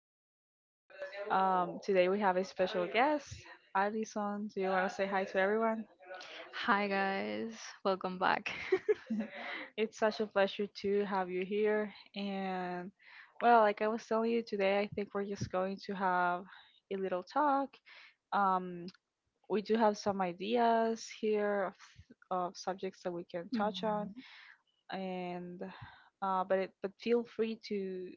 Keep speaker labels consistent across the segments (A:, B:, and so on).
A: episodes. Today we have a special guest, Alison. Do you want to say hi to everyone?
B: Hi guys, welcome back.
A: It's such a pleasure to have you here. And well, like I was telling you today, I think we're just going to have a little talk. Um, we do have some ideas here of subjects that we can touch on, and but feel free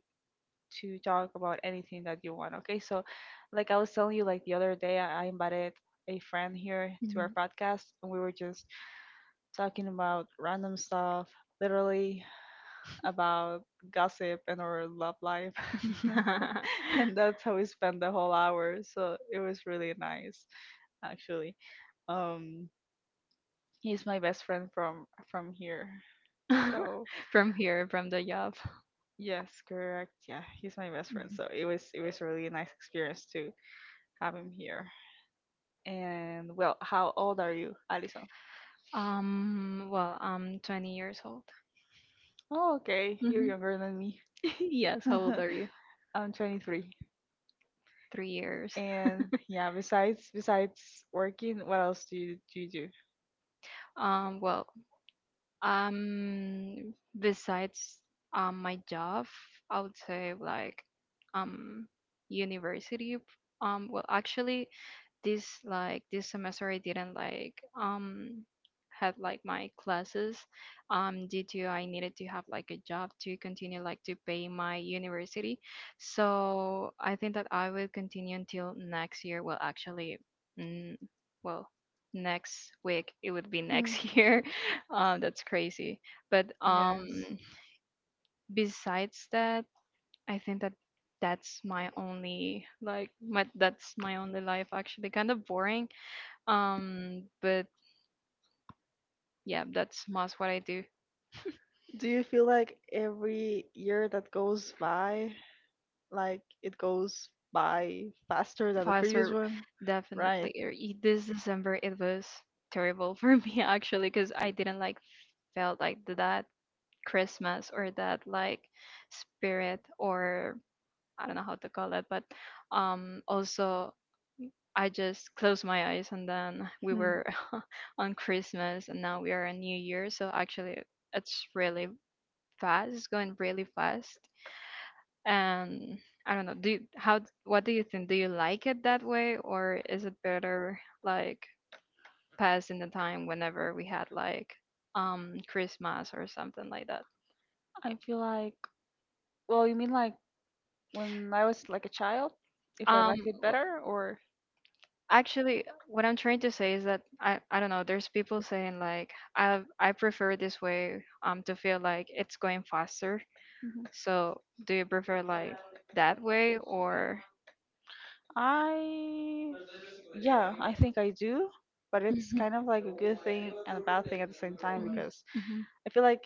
A: to talk about anything that you want. Okay, so like I was telling you, like the other day, I invited a friend here to our
B: Mhm.
A: podcast, and we were just talking about random stuff, literally about gossip and our love life,
B: Mhm.
A: and that's how we spent the whole hour. So it was really nice, actually. Um, he's my best friend from here, so.
B: From here, from the job.
A: Yes, correct. Yeah, he's my best friend,
B: Mhm.
A: so it was a really nice experience to have him here. And well, how old are you, Alison?
B: I'm 20 years old.
A: Oh, okay, you're
B: Mhm.
A: younger than me.
B: Yes, how old are you?
A: I'm 23.
B: 3 years.
A: And yeah, besides working, what else do you do?
B: um, well, Um, besides my job, I would say like um university. Well, actually, this semester I didn't like had like my classes due to I needed to have like a job to continue like to pay my university. So I think that I will continue until next year. Well, actually, mm, well, next week it would be
A: Hmm.
B: next year. That's crazy. But
A: Yes.
B: besides that, I think that that's my only life, actually kind of boring. But yeah, that's most what I do.
A: Do you feel like every year that goes by, like it goes by faster than the previous
B: Faster,
A: one? Right.
B: definitely. This December it was terrible for me, actually, because I didn't like felt like that Christmas or that like spirit or I don't know how to call it, but also I just closed my eyes and then we
A: Hmm.
B: were on Christmas and now we are on New Year. So actually, it's really fast. It's going really fast. And I don't know. Do you, how? What do you think? Do you like it that way, or is it better like passing the time whenever we had like Christmas or something like that?
A: I feel like, well, you mean like when I was like a child, if I
B: Um,
A: liked it better, or
B: Actually, what I'm trying to say is that I don't know, there's people saying like I prefer this way to feel like it's going faster.
A: Mhm.
B: So, do you prefer like that way or
A: I yeah, I think I do, but it's
B: Mhm,
A: kind of like a good thing and a bad thing at the same time because
B: mhm,
A: I feel like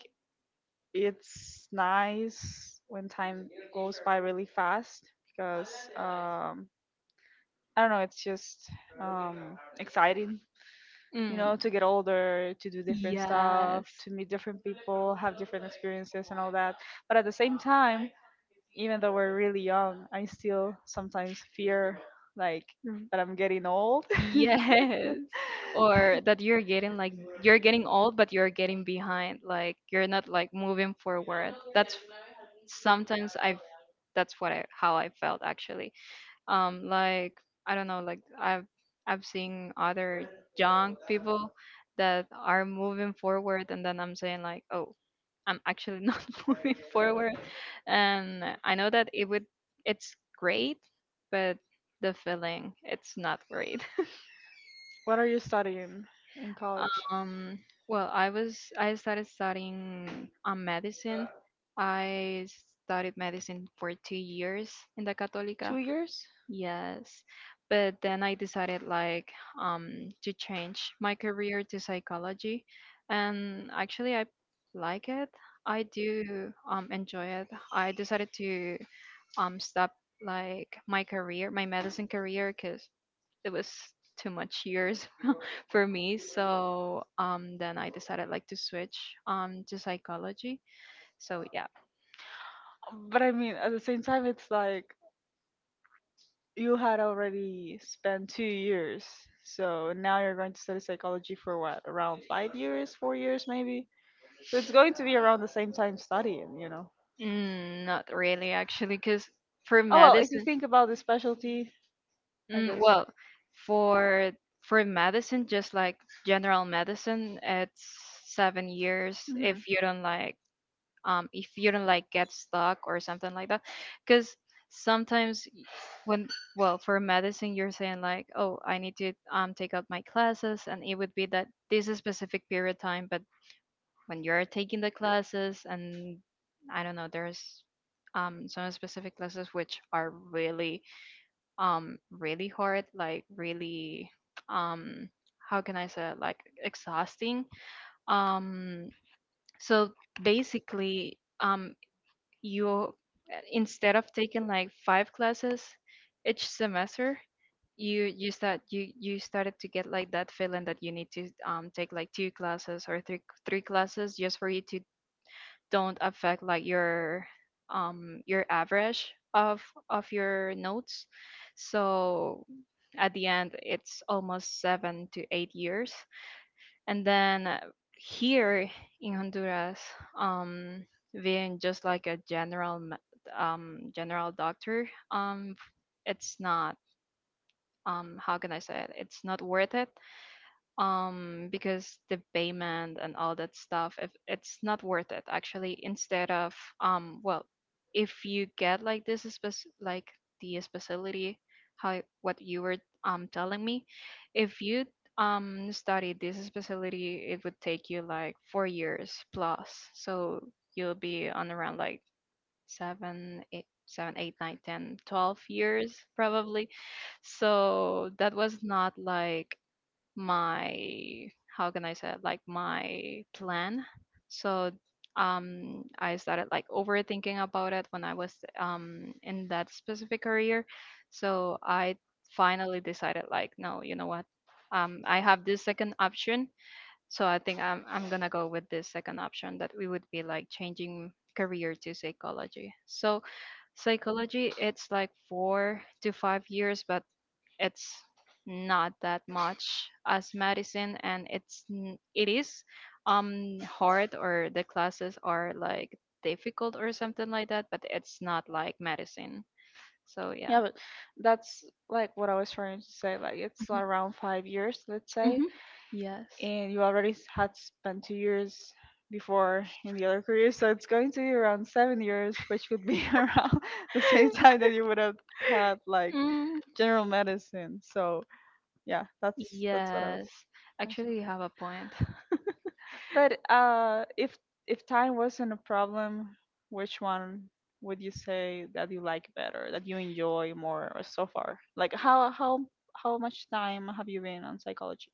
A: it's nice when time goes by really fast because I don't know, it's just exciting, you
B: mhm. Mm.
A: know, to get older, to do different stuff,
B: Yes.
A: to meet different people, have different experiences and all that. But at the same time, even though we're really young, I still sometimes fear like that I'm getting old.
B: Yes. Or that you're getting like you're getting old, but you're getting behind. Like you're not like moving forward. That's sometimes I've that's what I how I felt, actually. Like I don't know, like I've seen other young people that are moving forward, and then I'm saying like, oh, I'm actually not moving forward, and I know that it's great, but the feeling it's not great.
A: What are you studying in college?
B: Um, well, I started studying medicine. I studied medicine for 2 years in the Católica.
A: 2 years?
B: Yes, but then I decided like to change my career to psychology, and actually I like it. I do enjoy it. I decided to stop like my career, my medicine career, because it was too much years for me. So then I decided like to switch to psychology. So yeah,
A: But I mean, at the same time, it's like you had already spent 2 years. So now you're going to study psychology for what? Around 5 years, 4 years maybe? So it's going to be around the same time studying, you know?
B: not really, actually, because for
A: Oh well, if you
B: medicine,
A: think about the specialty, I guess.
B: well, for for medicine, just like general medicine, it's 7 years
A: Mhm.
B: if you don't like if you don't like get stuck or something like that, because sometimes when, well, for medicine you're saying like, oh, I need to take out my classes and it would be that this is specific period time, but when you're taking the classes and I don't know there's some specific classes which are really really hard, like really um how can I say it? Like exhausting. um so basically you, instead of taking like five classes each semester, you started to get like that feeling that you need to take like two classes or three classes just for you to don't affect like your average of your notes. So at the end it's almost 7 to 8 years, and then here in Honduras um being just like a general general doctor. It's not, how can I say it, it's not worth it, because the payment and all that stuff, if it's not worth it, actually. Instead of well, if you get like the specialty, how what you were telling me, if you study this specialty it would take you like 4 years plus, so you'll be on around like 7, 8, 7, 8, 9, 10, 12 years, probably. So that was not like my, how can I say it, like my plan. So I started like overthinking about it when I was in that specific career. So I finally decided like, no, you know what? I have this second option. So I think I'm gonna go with this second option, that we would be like changing career to psychology. So psychology it's like 4 to 5 years, but it's not that much as medicine, and it is hard, or the classes are like difficult or something like that, but it's not like medicine. So yeah.
A: Yeah, but that's like what I was trying to say. Like it's around 5 years, let's say,
B: Mm-hmm. Yes.
A: and you already had spent 2 years before in the other career, so it's going to be around 7 years, which would be around the same time that you would have had like
B: Mm,
A: general medicine. So yeah, that's what I
B: yes,
A: was.
B: actually you have a point.
A: But if time wasn't a problem, which one would you say that you like better, that you enjoy more or so far? Like how much time have you been on psychology?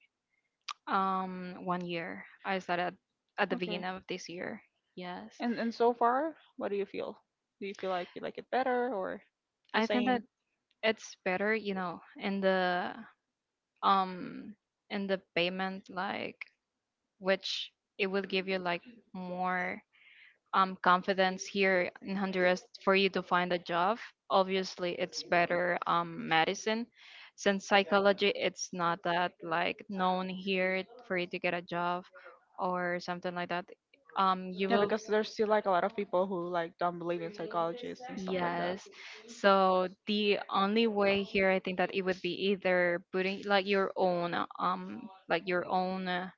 B: One year I started at the
A: Okay.
B: beginning of this year. Yes.
A: And so far, what do you feel? Do you feel like you like it better or the
B: I think that
A: same?
B: it's better, you know, in um the payment, like, which it will give you like more confidence here in Honduras for you to find a job. Obviously it's better, medicine, since psychology it's not that like known here for you to get a job or something like that. You
A: Yeah,
B: will.
A: because there's still like a lot of people who like don't believe in psychologists and stuff like that.
B: Yes. So the only way here, I think that it would be either putting like your own,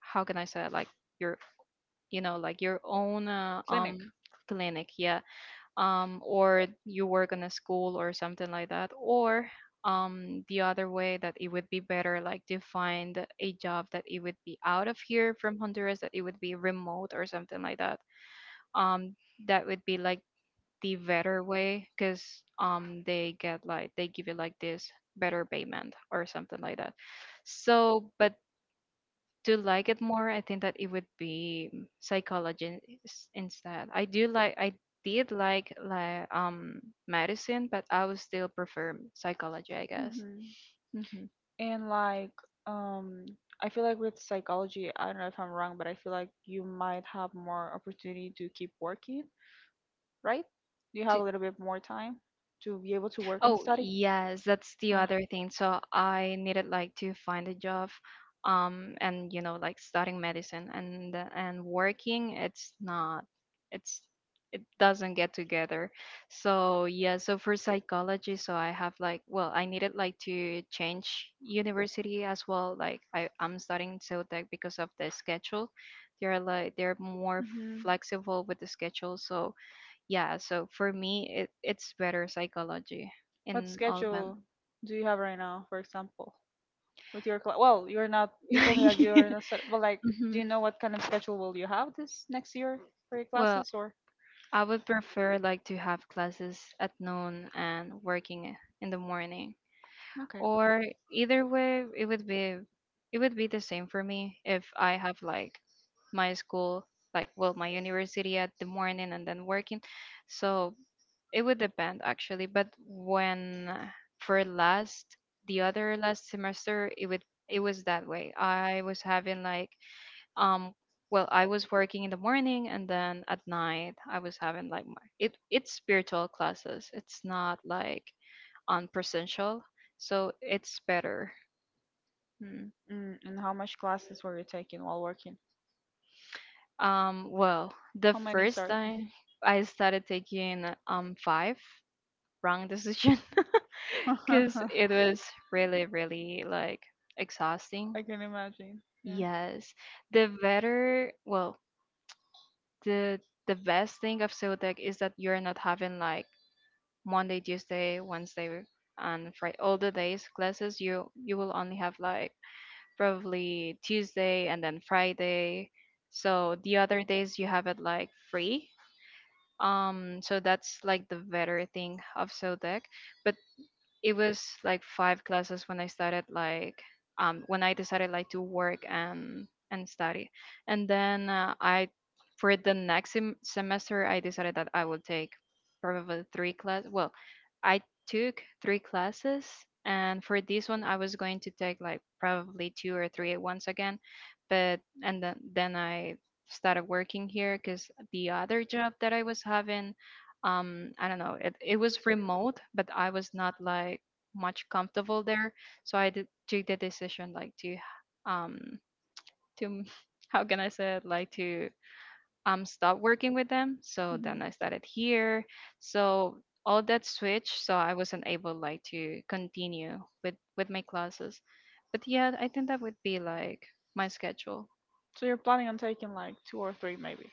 B: how can I say it? Like your, you know, like your own,
A: Clinic.
B: clinic, yeah. Or you work in a school or something like that, or the other way that it would be better, like to find a job that it would be out of here from Honduras, that it would be remote or something like that. Um, that would be like the better way because they get like they give you like this better payment or something like that. So, but to like it more, I think that it would be psychology, instead. I do like, I did like medicine, but I would still prefer psychology, I guess.
A: Hmm.
B: Hmm.
A: And like um I feel like with psychology, I don't know if I'm wrong, but I feel like you might have more opportunity to keep working, right? You have a little bit more time to be able to work and
B: Oh,
A: study.
B: yes, that's the
A: Yeah.
B: other thing. So I needed like to find a job, and you know, like studying medicine and working, it's not, it's doesn't get together. So yeah, so for psychology, so I have like, well, I needed like to change university as well. Like I'm studying Ceutec because of the schedule. They're like they're more
A: Hmm.
B: flexible with the schedule, so yeah, so for me, it, it's better psychology
A: What
B: in all of them.
A: schedule do you have right now, for example, with your class? Well, you're not, you told me that you're not but like do
B: Mhm.
A: you know what kind of schedule will you have this next year for your
B: Well,
A: classes or
B: I would prefer like to have classes at noon and working in the morning,
A: okay.
B: or either way it would be the same for me if I have like my school, like, well, my university at the morning and then working. So it would depend, actually, but when for last, the other last semester, it was that way. I was having like um well, I was working in the morning and then at night I was having like my, it it's spiritual classes. It's not like on presential, so it's better. Mm.
A: Mm, and how much classes were you taking while working?
B: Well, the
A: How many,
B: first
A: sir?
B: time I started taking five. Wrong decision, because it was really, really like exhausting.
A: I can imagine. Yeah.
B: Yes, the better, well, the the best thing of Zodiac is that you're not having like Monday, Tuesday, Wednesday, and Friday all the days classes. You will only have like probably Tuesday and then Friday. So the other days you have it like free. So that's like the better thing of Zodiac. But it was like five classes when I started like when I decided like to work and study. And then I, for the next semester, I decided that I would take probably three class, well, I took three classes, and for this one I was going to take like probably two or three at once again, but and then I started working here cuz the other job that I was having, I don't know, it was remote but I was not like much comfortable there. So I did took the decision like um to how can I say it, like to stop working with them. So
A: Hmm.
B: then I started here. So all that switch, so I wasn't able like to continue with my classes, but yeah, I think that would be like my schedule.
A: So you're planning on taking like two or three, maybe.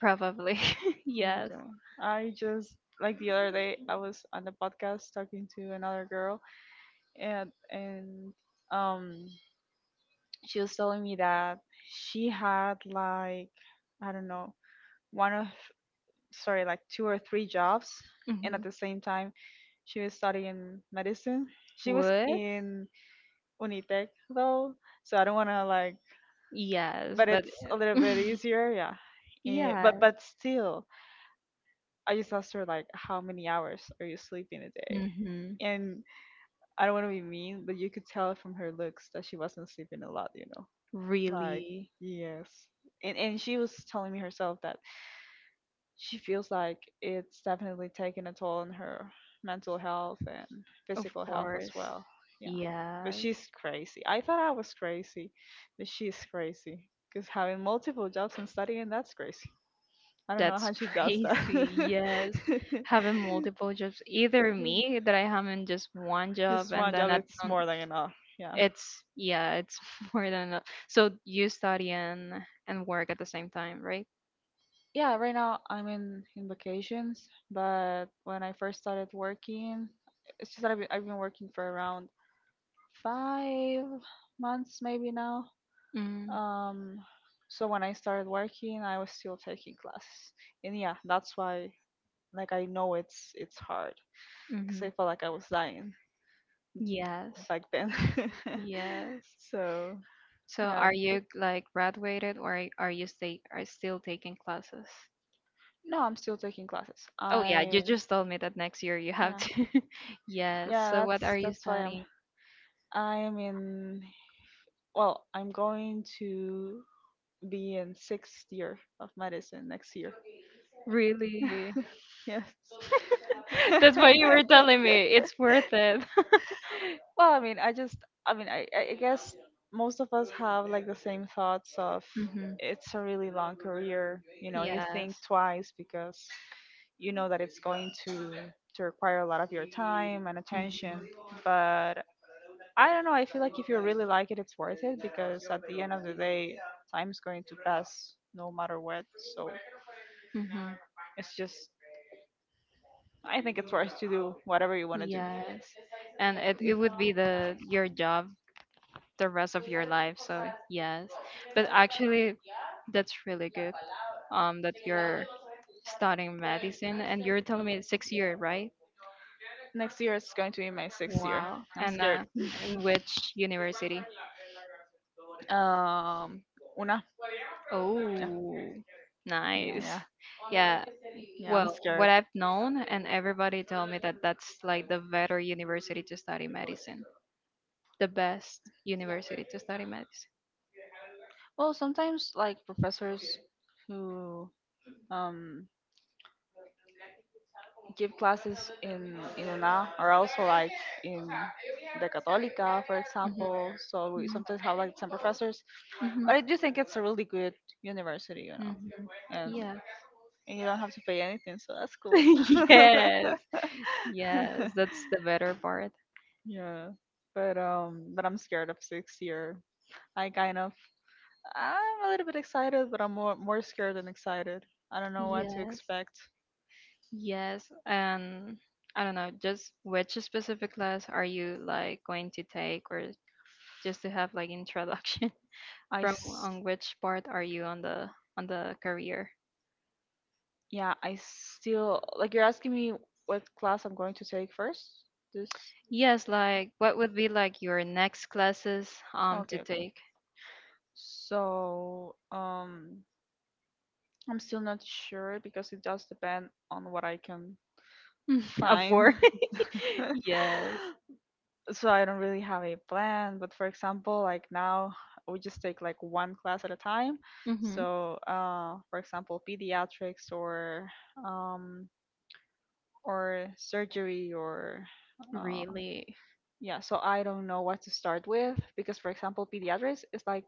B: Probably.
A: And
B: Yes.
A: I just like the other day, I was on the podcast talking to another girl, and um, she was telling me that she had like I don't know one of sorry like two or three jobs, and at
B: Hmm.
A: the same time she was studying medicine, she was
B: What?
A: in unitec though, so I don't want to like
B: Yes,
A: but
B: it-
A: it's a little bit easier, yeah. Eh, but
B: yes.
A: but still I just asked her like how many hours are you sleeping a day,
B: Mm-hmm.
A: and I don't want to be mean, but you could tell from her looks that she wasn't sleeping a lot, you know, like
B: Really,
A: yes. And she was telling me herself that she feels like it's definitely taken a toll on her mental health and
B: of
A: physical health as
B: course.
A: well. Yeah. But
B: Yes.
A: she's crazy. I thought I was crazy, but she's crazy because having multiple jobs and studying, that's crazy. I don't know how
B: That's
A: she does
B: crazy.
A: that.
B: Yes. Having multiple jobs, either me that I have in just one job,
A: Just
B: and
A: one
B: then
A: job,
B: at
A: it's
B: non,
A: more than enough. Yeah.
B: it's, yeah, it's more than enough. So you study and work at the same time, right?
A: Yeah, right now I'm in vacations, but when I first started working, it's just that I've been working for around 5 months maybe now.
B: Mm-hmm.
A: Um, so when I started working, I was still taking classes, and yeah, that's why like I know it's hard because
B: Mm-hmm.
A: I felt like I was dying
B: Yes.
A: back then.
B: Yes.
A: So
B: So
A: yeah,
B: are you like graduated, or are you stay are still taking classes?
A: no, I'm still taking classes.
B: Oh yeah,
A: I
B: you just told me that next year you have
A: yeah,
B: to. Yes.
A: yeah
B: So what
A: that's
B: are you
A: that's why I'm
B: studying?
A: I'm in, well, I'm going to be in sixth year of medicine next year.
B: Really?
A: Yes.
B: That's what you were telling me. It's worth it.
A: Well, I mean, I just, I mean, I guess most of us have like the same thoughts of
B: Hmm.
A: it's a really long career. You know, you think
B: Yes.
A: twice because you know that it's going to require a lot of your time and attention.
B: Hmm.
A: But I don't know. I feel like if you really like it, it's worth it because at the end of the day, time's going to pass no matter what. So
B: Hmm.
A: it's just I think it's worth to do whatever you want to do.
B: Yes. And it,
A: Mm.
B: it would be the your job the rest of your life. So yes. But actually that's really good. That you're studying medicine and you're telling me it's 6 year, right?
A: Next year is going to be my sixth year.
B: Wow.
A: I'm
B: And
A: scared.
B: in which university?
A: Um, una. Yeah,
B: Oh, nice.
A: yeah,
B: Yeah.
A: yeah. I'm
B: Well,
A: scared.
B: what I've known, and everybody tell me that that's like the better university to study medicine. The best university to study medicine.
A: Well, sometimes like professors who um give classes in UNA or also like in the Católica, for
B: Mhm.
A: example. So we
B: Mhm.
A: sometimes have like some professors,
B: Mhm.
A: but I do think it's a really good university, you know,
B: Mhm.
A: and
B: Yeah.
A: you don't have to pay anything, so that's cool.
B: Yes. Yes, that's the better part.
A: Yeah, but I'm scared of sixth year. I kind of I'm a little bit excited, but I'm more scared than excited. I don't know what to
B: Yes.
A: expect.
B: Yes, and I don't know, just which specific class are you like going to take, or just to have like introduction,
A: I
B: from
A: s-
B: on which part are you on the career?
A: Yeah, I still like you're asking me what class I'm going to take first? This
B: Yes, like what would be like your next classes to
A: okay, okay.
B: take?
A: So, I'm still not sure because it does depend on what I can
B: A
A: find.
B: four, yes.
A: So I don't really have a plan, but for example, like now we just take like one class at a time.
B: Hmm.
A: So, for example, pediatrics or um or surgery or uh.
B: Really.
A: Yeah, so I don't know what to start with because, for example, pediatrics is like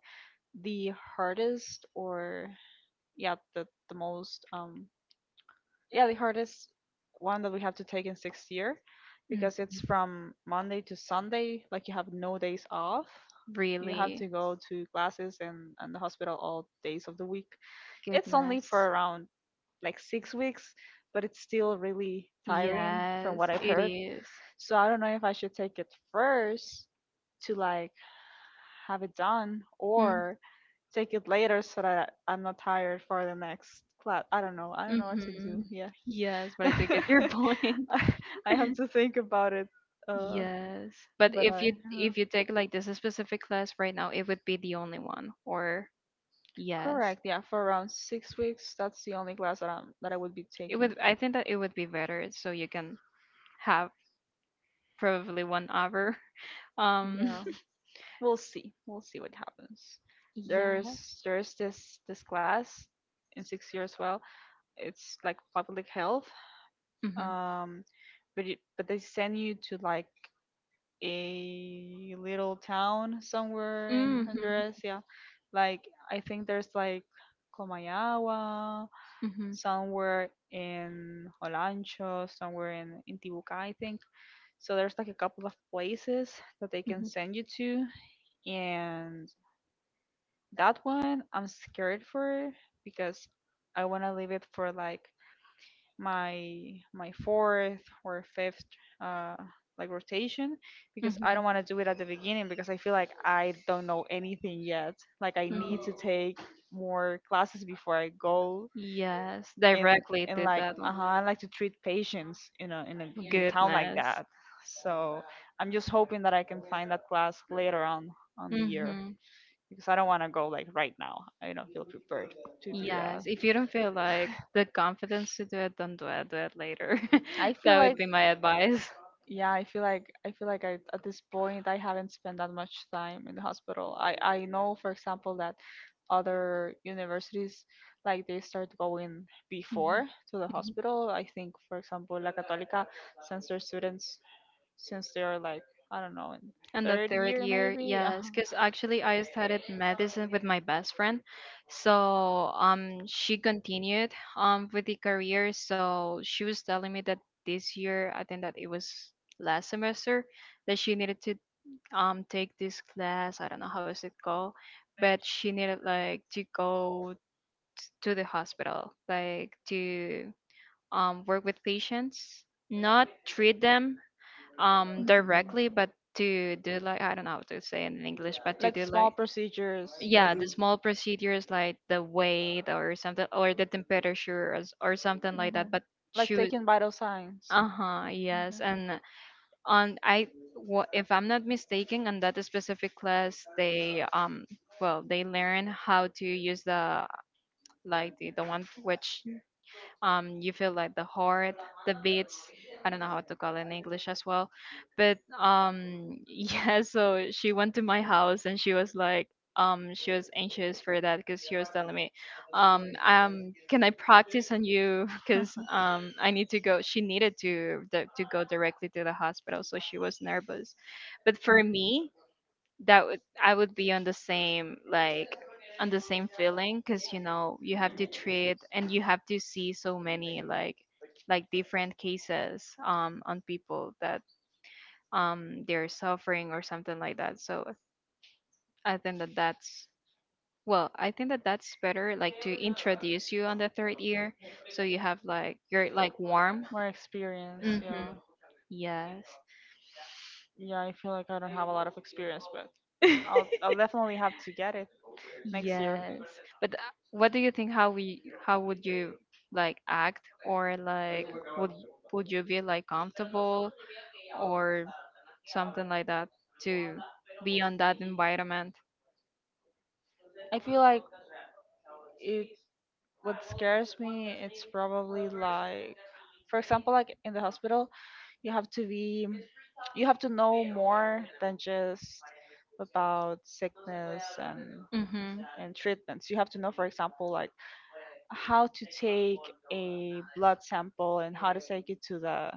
A: the hardest or yeah, the the hardest one that we have to take in sixth year
B: Mhm.
A: because it's from Monday to Sunday, like you have no days off. You have to
B: Really.
A: go to classes and the hospital all days of the week. It's only
B: Goodness.
A: for around like 6 weeks, but it's still really tiring from
B: Yes,
A: what I've
B: it
A: heard.
B: is.
A: So I don't know if I should take it first to like have it done or take it later so that I'm not tired for the next class. I don't know. I don't know what to
B: Mm-hmm.
A: do. Yeah.
B: Yes, but I do get your point.
A: I I have to think about it. Uh,
B: Yes, but
A: but
B: if
A: I.
B: you take like this specific class right now, it would be the only one. Or yes,
A: Correct. Yeah, for around 6 weeks, that's the only class that I would be
B: it
A: taking.
B: would. I think that it would be better so you can have probably 1 hour. Um,
A: Yeah, we'll see. We'll see what happens.
B: yeah.
A: There's this class in 6 years. Well, it's like public health,
B: Mm-hmm.
A: um but they send you to like a little town somewhere in
B: Mm-hmm.
A: Honduras, yeah, like I think there's like Comayagua,
B: Mm-hmm.
A: somewhere in Olancho, somewhere in Tibuca I think. So there's like a couple of places that they can send
B: Mm-hmm.
A: you to, and that one I'm scared for because I want to leave it for like my fourth or fifth uh like rotation because I
B: Mm-hmm.
A: don't want to do it at the beginning because I feel like I don't know anything yet. Like I need to take
B: Mm-hmm.
A: more classes before I go
B: Yes,
A: and
B: directly
A: and
B: did
A: like
B: that one.
A: uh-huh, I like to treat patients in a in a town like
B: Goodness.
A: that. So I'm just hoping that I can find that class later on
B: A
A: the
B: year.
A: year
B: Mm-hmm.
A: because I don't want to go like right now. I don't feel prepared to do that.
B: Yes. If you don't feel like the confidence to do it, don't do it. Do it later.
A: I feel
B: That would
A: like
B: be my advice.
A: yeah, I feel like at this point I haven't spent that much time in the hospital. I know for example that other universities like they start going before
B: Mhm.
A: to the hospital. I think, for example, La Católica sends their students since they are like, I don't know, in
B: And the
A: third
B: third
A: year
B: year,
A: maybe.
B: yes,
A: Uh-huh.
B: because actually I studied medicine with my best friend, so she continued with the career. So she was telling me that this year, I think that it was last semester, that she needed to take this class. I don't know how is it called, but she needed like to go to the hospital, like to work with patients, not treat them,
A: Mhm.
B: directly, but to do like, I don't know how to say it in English, but to
A: Like
B: do
A: small
B: like,
A: procedures
B: yeah, the
A: maybe.
B: small procedures like the weight or something, or the temperature, or, or something like that.
A: Mhm.
B: But she
A: Like
B: was
A: taking vital signs.
B: uh-huh, yes.
A: Mhm.
B: And on if I'm not mistaken, on that specific class they well, they learn how to use the, like the one, which you feel like the heart, the beats, I don't know how to call it in English as well. But yeah, so she went to my house and she was like, she was anxious for that because she was telling me, can I practice on you? Because I need to go, she needed to go directly to the hospital, so she was nervous. But for me, that would I would be on the same feeling, because you know you have to treat and you have to see so many, like different cases on people that they're suffering or something like that. So I think that that's, better like to introduce you on the third year, so you have like you're like warm.
A: More experience,
B: Mm-hmm.
A: yeah.
B: Yes.
A: Yeah, I feel like I don't have a lot of experience, but I'll I'll definitely have to get it next year.
B: Yes. But what do you think, how we how would you like act, or like would you be like comfortable, or something like that, to be on that environment?
A: I feel like it what scares me it's probably like, for example, like in the hospital you have to be, you have to know more than just about sickness
B: Mhm.
A: and treatments. You have to know, for example, like how to take a blood sample and how to take it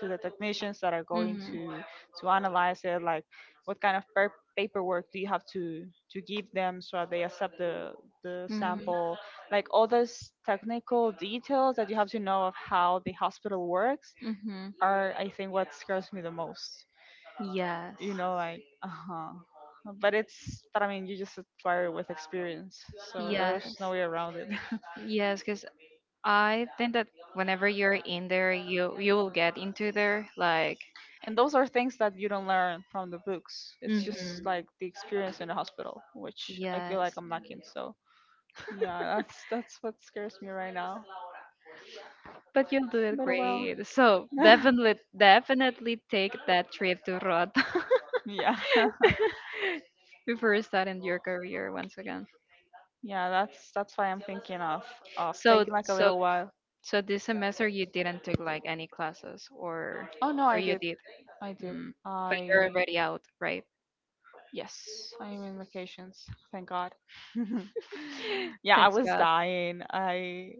A: to the technicians that are going
B: Mhm.
A: to analyze it, like what kind of paperwork do you have to give them so they accept the
B: Mhm.
A: sample, like all those technical details that you have to know of how the hospital works
B: Mhm.
A: are, I think, what scares me the most,
B: Yes.
A: you know, like, uh huh. But it's, but I mean, you just acquire with experience, so
B: Yes.
A: there's no way around it.
B: Yes, because I think that whenever you're in there, you will get into there. Like,
A: And those are things that you don't learn from the books. It's just
B: hmm,
A: like the experience in the hospital, which I feel like
B: yes,
A: I'm lacking. So yeah, that's what scares me right now.
B: but you'll do it
A: But well,
B: great. So definitely, definitely take that trip to Rota
A: yeah,
B: before starting your career once again.
A: yeah, that's why I'm thinking of
B: So,
A: taking like a
B: so
A: little while.
B: So this semester you didn't take like any classes, or
A: Oh no, I
B: you
A: did,
B: did?
A: I did,
B: Mm. But you're
A: I
B: already out, right?
A: Yes, I am in vacations. Thank God. Yeah, I
B: Thanks
A: was
B: God.
A: dying.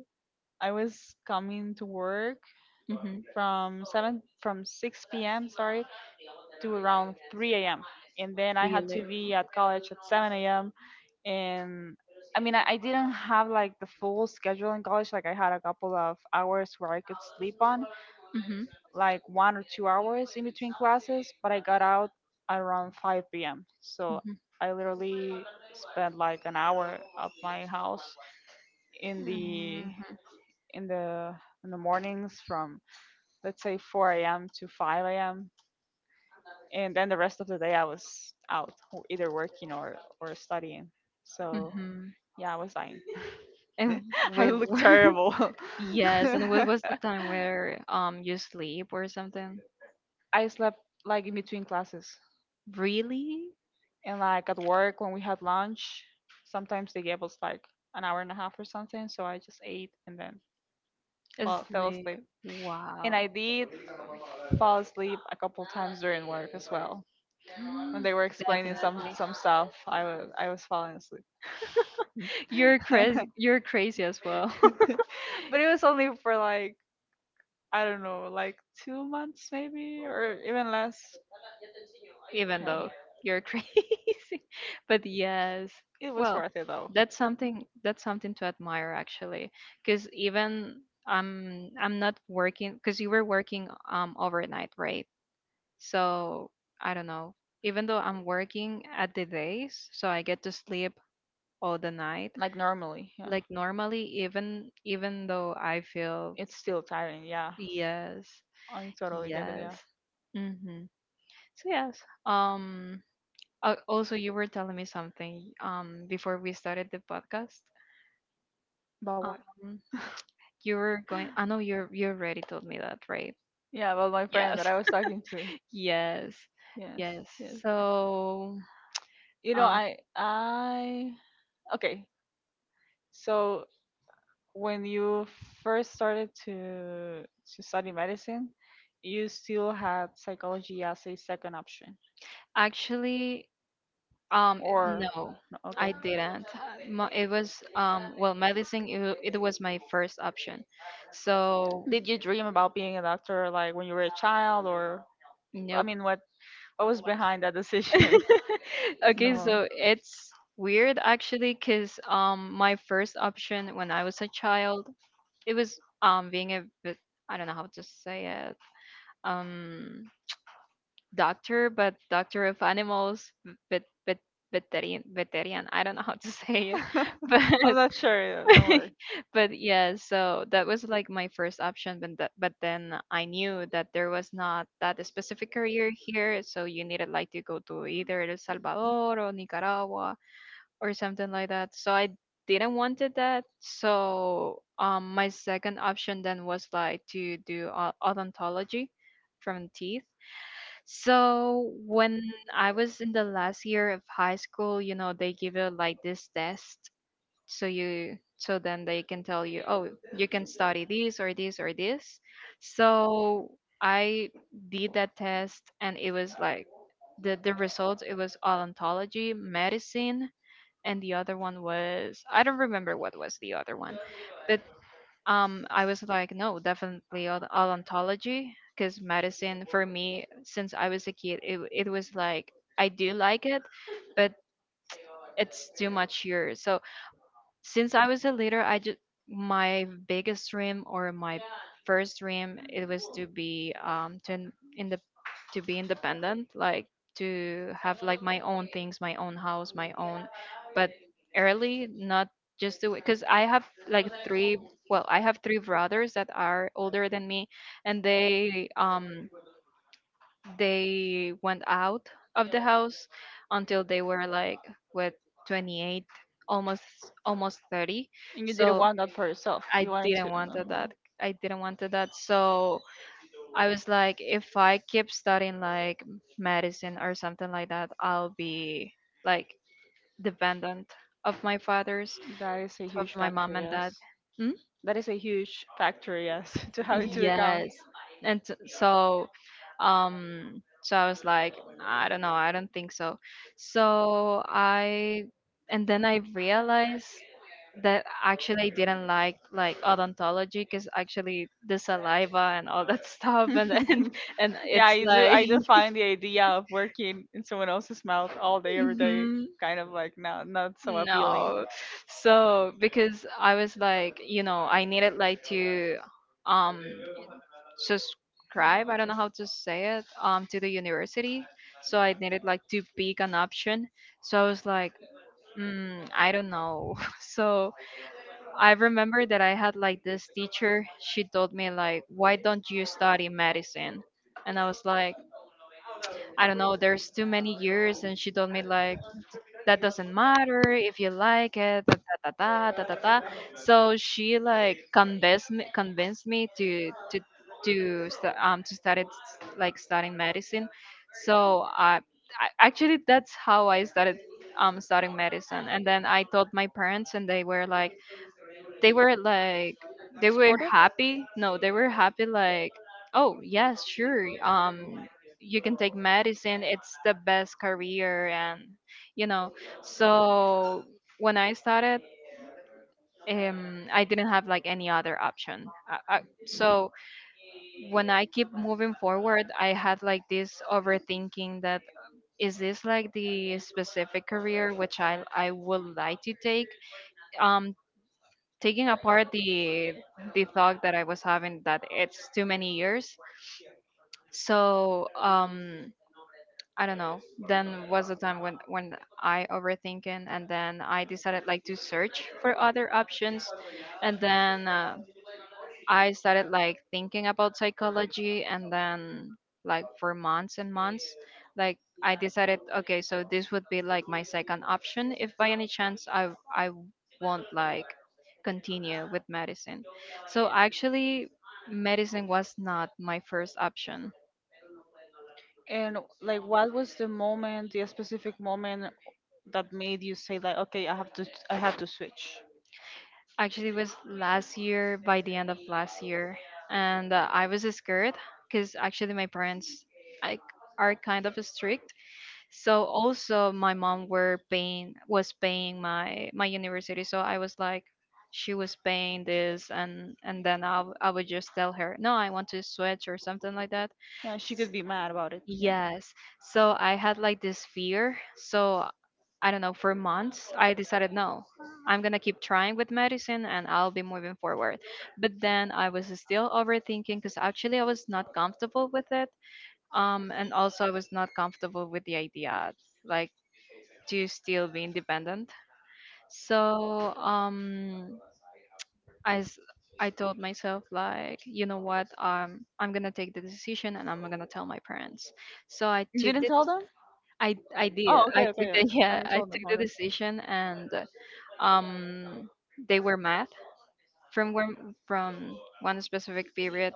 A: I was coming to work
B: Hmm.
A: from seven from six p.m., sorry, to around three a.m., and then I had to
B: Really?
A: be at college at seven a.m. And I mean, I didn't have like the full schedule in college. Like I had a couple of hours where I could sleep on,
B: Hmm.
A: like 1 or 2 hours in between classes, but I got out around 5 p.m. So
B: Hmm.
A: I literally spent like an hour at my house in the
B: Mhm.
A: in the in the mornings from, let's say, 4 a.m. to 5 a.m., and then the rest of the day I was out either working or studying. So
B: Hmm.
A: yeah, I was dying.
B: And
A: I
B: what,
A: look terrible.
B: yes, and what was the time where you sleep or something?
A: I slept like in between classes
B: Really?
A: and like at work when we had lunch. Sometimes they gave us like an hour and a half or something, so I just ate and then fell
B: Sleep.
A: asleep.
B: Wow.
A: And I did fall asleep a couple times during work as well. When they were explaining
B: Definitely.
A: some stuff, I was falling asleep.
B: You're
A: But
B: crazy. You're crazy as well.
A: it was only for like, I don't know, like 2 months maybe, or even less.
B: Even
A: Yeah.
B: though you're crazy, but yes.
A: It was
B: Well,
A: worth it though.
B: that's something. That's something to admire actually, because even I'm not working, because you were working overnight, right? So I don't know. Even though I'm working at the days, so I get to sleep all the night.
A: Like normally, yeah.
B: Like normally, even though I feel,
A: It's still tiring, yeah.
B: yes,
A: I totally get it,
B: yes.
A: yeah.
B: Mm-hmm. So yes. Um. Also, you were telling me something. Before we started the podcast.
A: But what?
B: Um. You were going. I know you're. You already told me that, right?
A: Yeah, about my friend
B: Yes.
A: that I was talking to.
B: Yes.
A: Yes,
B: Yes.
A: yes.
B: So.
A: You know,
B: um.
A: I Okay. So when you first started to study medicine, you still had psychology as a second option,
B: Actually.
A: or
B: No,
A: no,
B: I
A: okay.
B: didn't. It was well, medicine. It was my first option. So,
A: Did you dream about being a doctor like when you were a child, or I
B: nope.
A: mean, what was behind that decision in the
B: Okay,
A: moment?
B: so it's weird actually, because my first option when I was a child, it was being a bit, I don't know how to say it, um, doctor, but doctor of animals, vet, veterinarian. I don't know how to say it, but
A: I'm not sure. Yeah, don't worry.
B: but yeah, so that was like my first option, but but then I knew that there was not that specific career here, so you needed like to go to either El Salvador or Nicaragua or something like that. So I didn't wanted that. So my second option then was like to do odontology from teeth. So when I was in the last year of high school, you know, they give you like this test, so you then they can tell you, oh, you can study this or this or this. So I did that test, and it was like, the results, it was odontology, medicine, and the other one was, I don't remember what was the other one, but I was like, no, definitely odontology, because medicine for me, since I was a kid, it was like, I do like it, but it's too much here. So since I was a leader, I just, my biggest dream or my, yeah, first dream, it was to be to in the to be independent, like to have like my own things, my own house, my own, but early, not just to, because I have like three. Well, I have three brothers that are older than me, and they went out of the house until they were like, what, 28, almost almost 30.
A: And you didn't
B: So
A: want that for yourself.
B: I
A: You wanted to.
B: didn't want
A: Okay.
B: that. So I was like, if I keep studying like medicine or something like that, I'll be like dependent of my father's
A: That is a
B: of
A: huge
B: my
A: factor,
B: mom and dad.
A: yes. That is a huge factor, yes, to have into account.
B: Yes. And so so I was like, I don't know, I don't think so. So I and then I realized that actually I didn't like odontology, because actually the saliva and all that stuff, and and
A: Yeah,
B: it's
A: I do.
B: like
A: I do find the idea of working in someone else's mouth all day, every day,
B: hmm,
A: kind of like not, not so appealing.
B: no. So because I was like, you know, I needed like to um subscribe, I don't know how to say it, to the university, so I needed like to pick an option. So I was like, I don't know, so I remember that I had like this teacher, she told me like, why don't you study medicine? And I was like, I don't know, there's too many years. And she told me like, that doesn't matter if you like it, da da da da da da da. So she like convinced me to start it, like studying medicine. So I actually, that's how I started studying medicine. And then I told my parents, and they were like, they were like they were
A: Supportive?
B: happy, no, they were happy, like, oh yes, sure, you can take medicine, it's the best career, and you know. So when I started I didn't have like any other option. So when I keep moving forward, I had like this overthinking that, is this like the specific career which I would like to take, um taking apart the thought that I was having that it's too many years. So I don't know. Then was the time when I overthinking, and then I decided like to search for other options. And then I started like thinking about psychology, and then, like, for months and months, like, I decided, okay, so this would be like my second option, if by any chance I won't like continue with medicine. So actually medicine was not my first option.
A: And like, what was the moment, the specific moment that made you say like, okay, I have to switch?
B: Actually it was last year, by the end of last year, and I was scared cuz actually my parents, like, are kind of strict. So also my mom were paying was paying my university, so I was like, she was paying this. And then I would just tell her, no, I want to switch or something like that.
A: Yeah, she could be mad about it. Yeah,
B: Yes, so I had like this fear, so I don't know, for months I decided, no, I'm gonna keep trying with medicine and I'll be moving forward. But then I was still overthinking because actually I was not comfortable with it. And also I was not comfortable with the idea, like, to still be independent. So I s- I told myself like, you know what, I'm gonna take the decision and I'm gonna tell my parents. So I
A: you
B: took
A: didn't
B: the,
A: tell them.
B: I did,
A: Oh,
B: I
A: okay,
B: took
A: okay,
B: the
A: okay. I
B: yeah, I
A: told them.
B: took the
A: Okay.
B: decision and um they were mad from one specific period.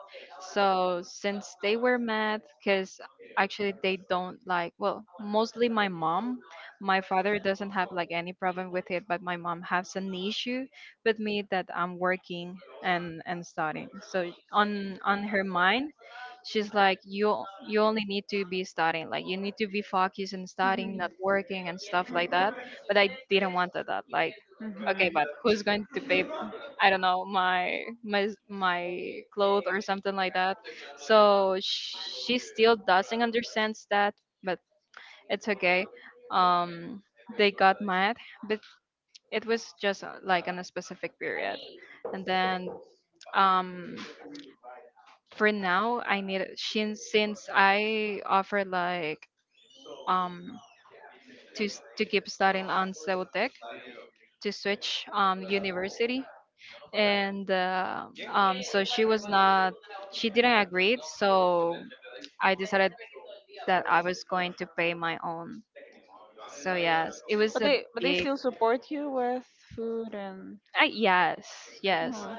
B: So since they were mad, because actually they don't like, well, mostly my mom. My father doesn't have like any problem with it, but my mom has an issue with me that I'm working and studying. So on her mind, she's like, you only need to be studying, like you need to be focused and
A: Mhm.
B: studying, not working and stuff like that. But I didn't want that. Like, okay,
A: Mhm.
B: but who's going to pay, I don't know, my clothes or something like that? So she still doesn't understand that, but it's okay. Um, they got mad, but it was just like on a specific period, and then um for now I need, since I offer like um to to keep studying on Ceutec, to switch university, and so she was not, she didn't agree. So I decided that I was going to pay my own. So yes, it was a
A: But they
B: big.
A: still support you with food and.
B: I, yes. Yes.
A: Oh,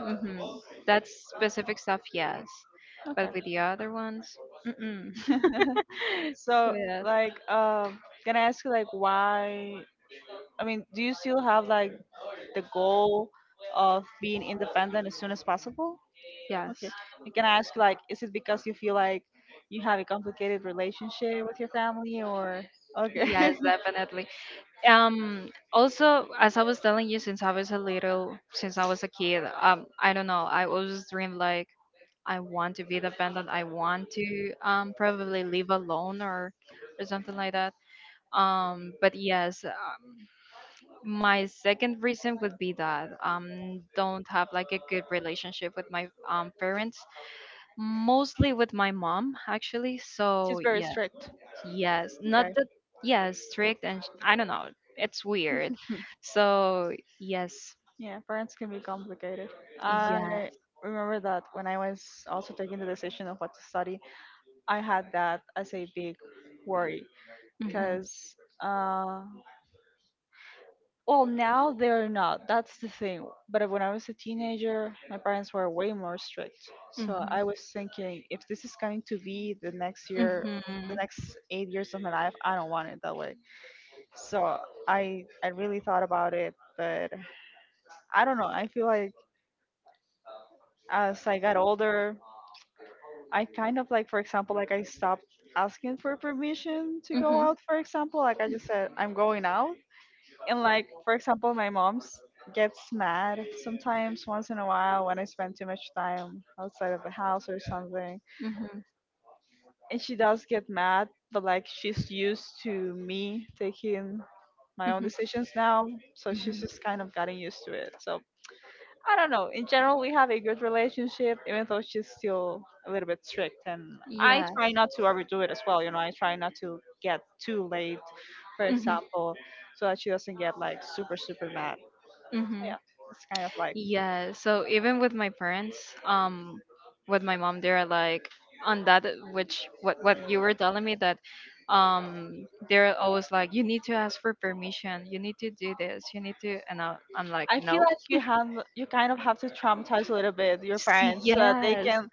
B: Hmm. That specific stuff, yes.
A: okay.
B: But with the other ones, mm-mm. So
A: So,
B: yes.
A: like, can I ask you, like, why? I mean, do you still have like the goal of being independent as soon as possible?
B: Yes.
A: Okay. And can I ask you, like, is it because you feel like you have a complicated relationship with your family, or
B: Yes,
A: okay,
B: definitely. Also, as I was telling you, since I was a little, since I was a kid, I don't know, I always dreamed like I want to be independent, I want to probably live alone, or something like that. But yes, my second reason would be that don't have like a good relationship with my parents, mostly with my mom, actually. So
A: she's very
B: yeah.
A: strict.
B: Yes. Not
A: Okay.
B: that. Yeah, strict and I don't know, it's weird. So yes.
A: Yeah, parents can be complicated.
B: Yes.
A: I remember that when I was also taking the decision of what to study, I had that as a big worry because, uh, well, now they're not. That's the thing. But when I was a teenager, my parents were way more strict. So
B: Hmm
A: I was thinking, if this is going to be the next
B: hmm.
A: year,
B: Hmm
A: the next 8 years of my life, I don't want it that way. So I really thought about it, but I don't know. I feel like as I got older, I kind of like, for example, like I stopped asking for permission to go
B: hmm.
A: out, for example. Like I just said, I'm going out. And like, for example, my mom's gets mad sometimes once in a while when I spend too much time outside of the house or something.
B: Hmm
A: And she does get mad, but like she's used to me taking
B: hmm.
A: my own
B: hmm
A: decisions now. So she's just kind of gotten used to it. So I don't know. In general, we have a good relationship, even though she's still a little bit strict. And I
B: yes.
A: try not to overdo it as well. You know, I try not to get too late, for
B: Hmm
A: example, so that she doesn't get like super, super mad. So,
B: hmm.
A: yeah, it's kind of like
B: Yeah, so even with my parents, with my mom, they're like on that, which, what you were telling me, that they're always like, you need to ask for permission, you need to do this, you need to, and I'm like,
A: I feel
B: no.
A: like you have, you kind of have to traumatize a little bit your
B: See,
A: parents so that they
B: yes.
A: can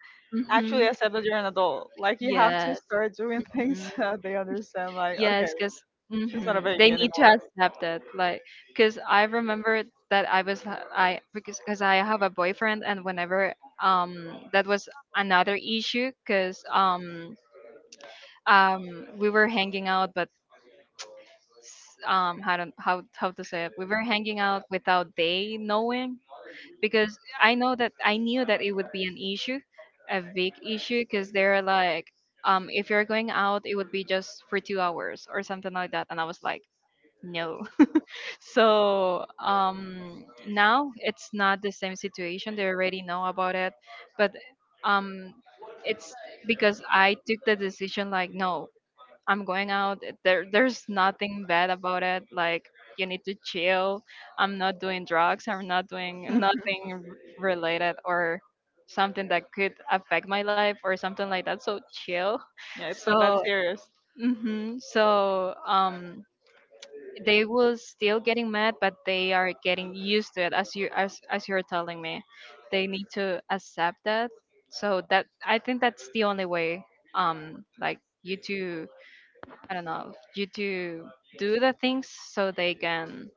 A: actually
B: Mm-hmm.
A: accept that you're an adult. Like you have to
B: Yes.
A: start doing things
B: Hmm.
A: so that they understand. Like, okay,
B: Yes, because
A: she's not a
B: they
A: baby
B: need to
A: anymore.
B: accept it. Like, because I remember that I, because I have a boyfriend, and whenever that was another issue because we were hanging out, but how to say it, we were hanging out without they knowing, because I knew that it would be an issue, a big issue, because they're like, if you're going out, it would be just for 2 hours or something like that, and I was like, no. So now it's not the same situation. They already know about it, but um, it's because I took the decision like, no, I'm going out. There, there's nothing bad about it. Like, you need to chill. I'm not doing drugs. I'm not doing nothing related or something that could affect my life or something like that. So chill.
A: Yeah, it's not that
B: So,
A: serious.
B: hmm, so they will still getting mad, but they are getting used to it, as as you're telling me. They need to accept that. So that, I think that's the only way, like you to, I don't know, you to do the things so they can,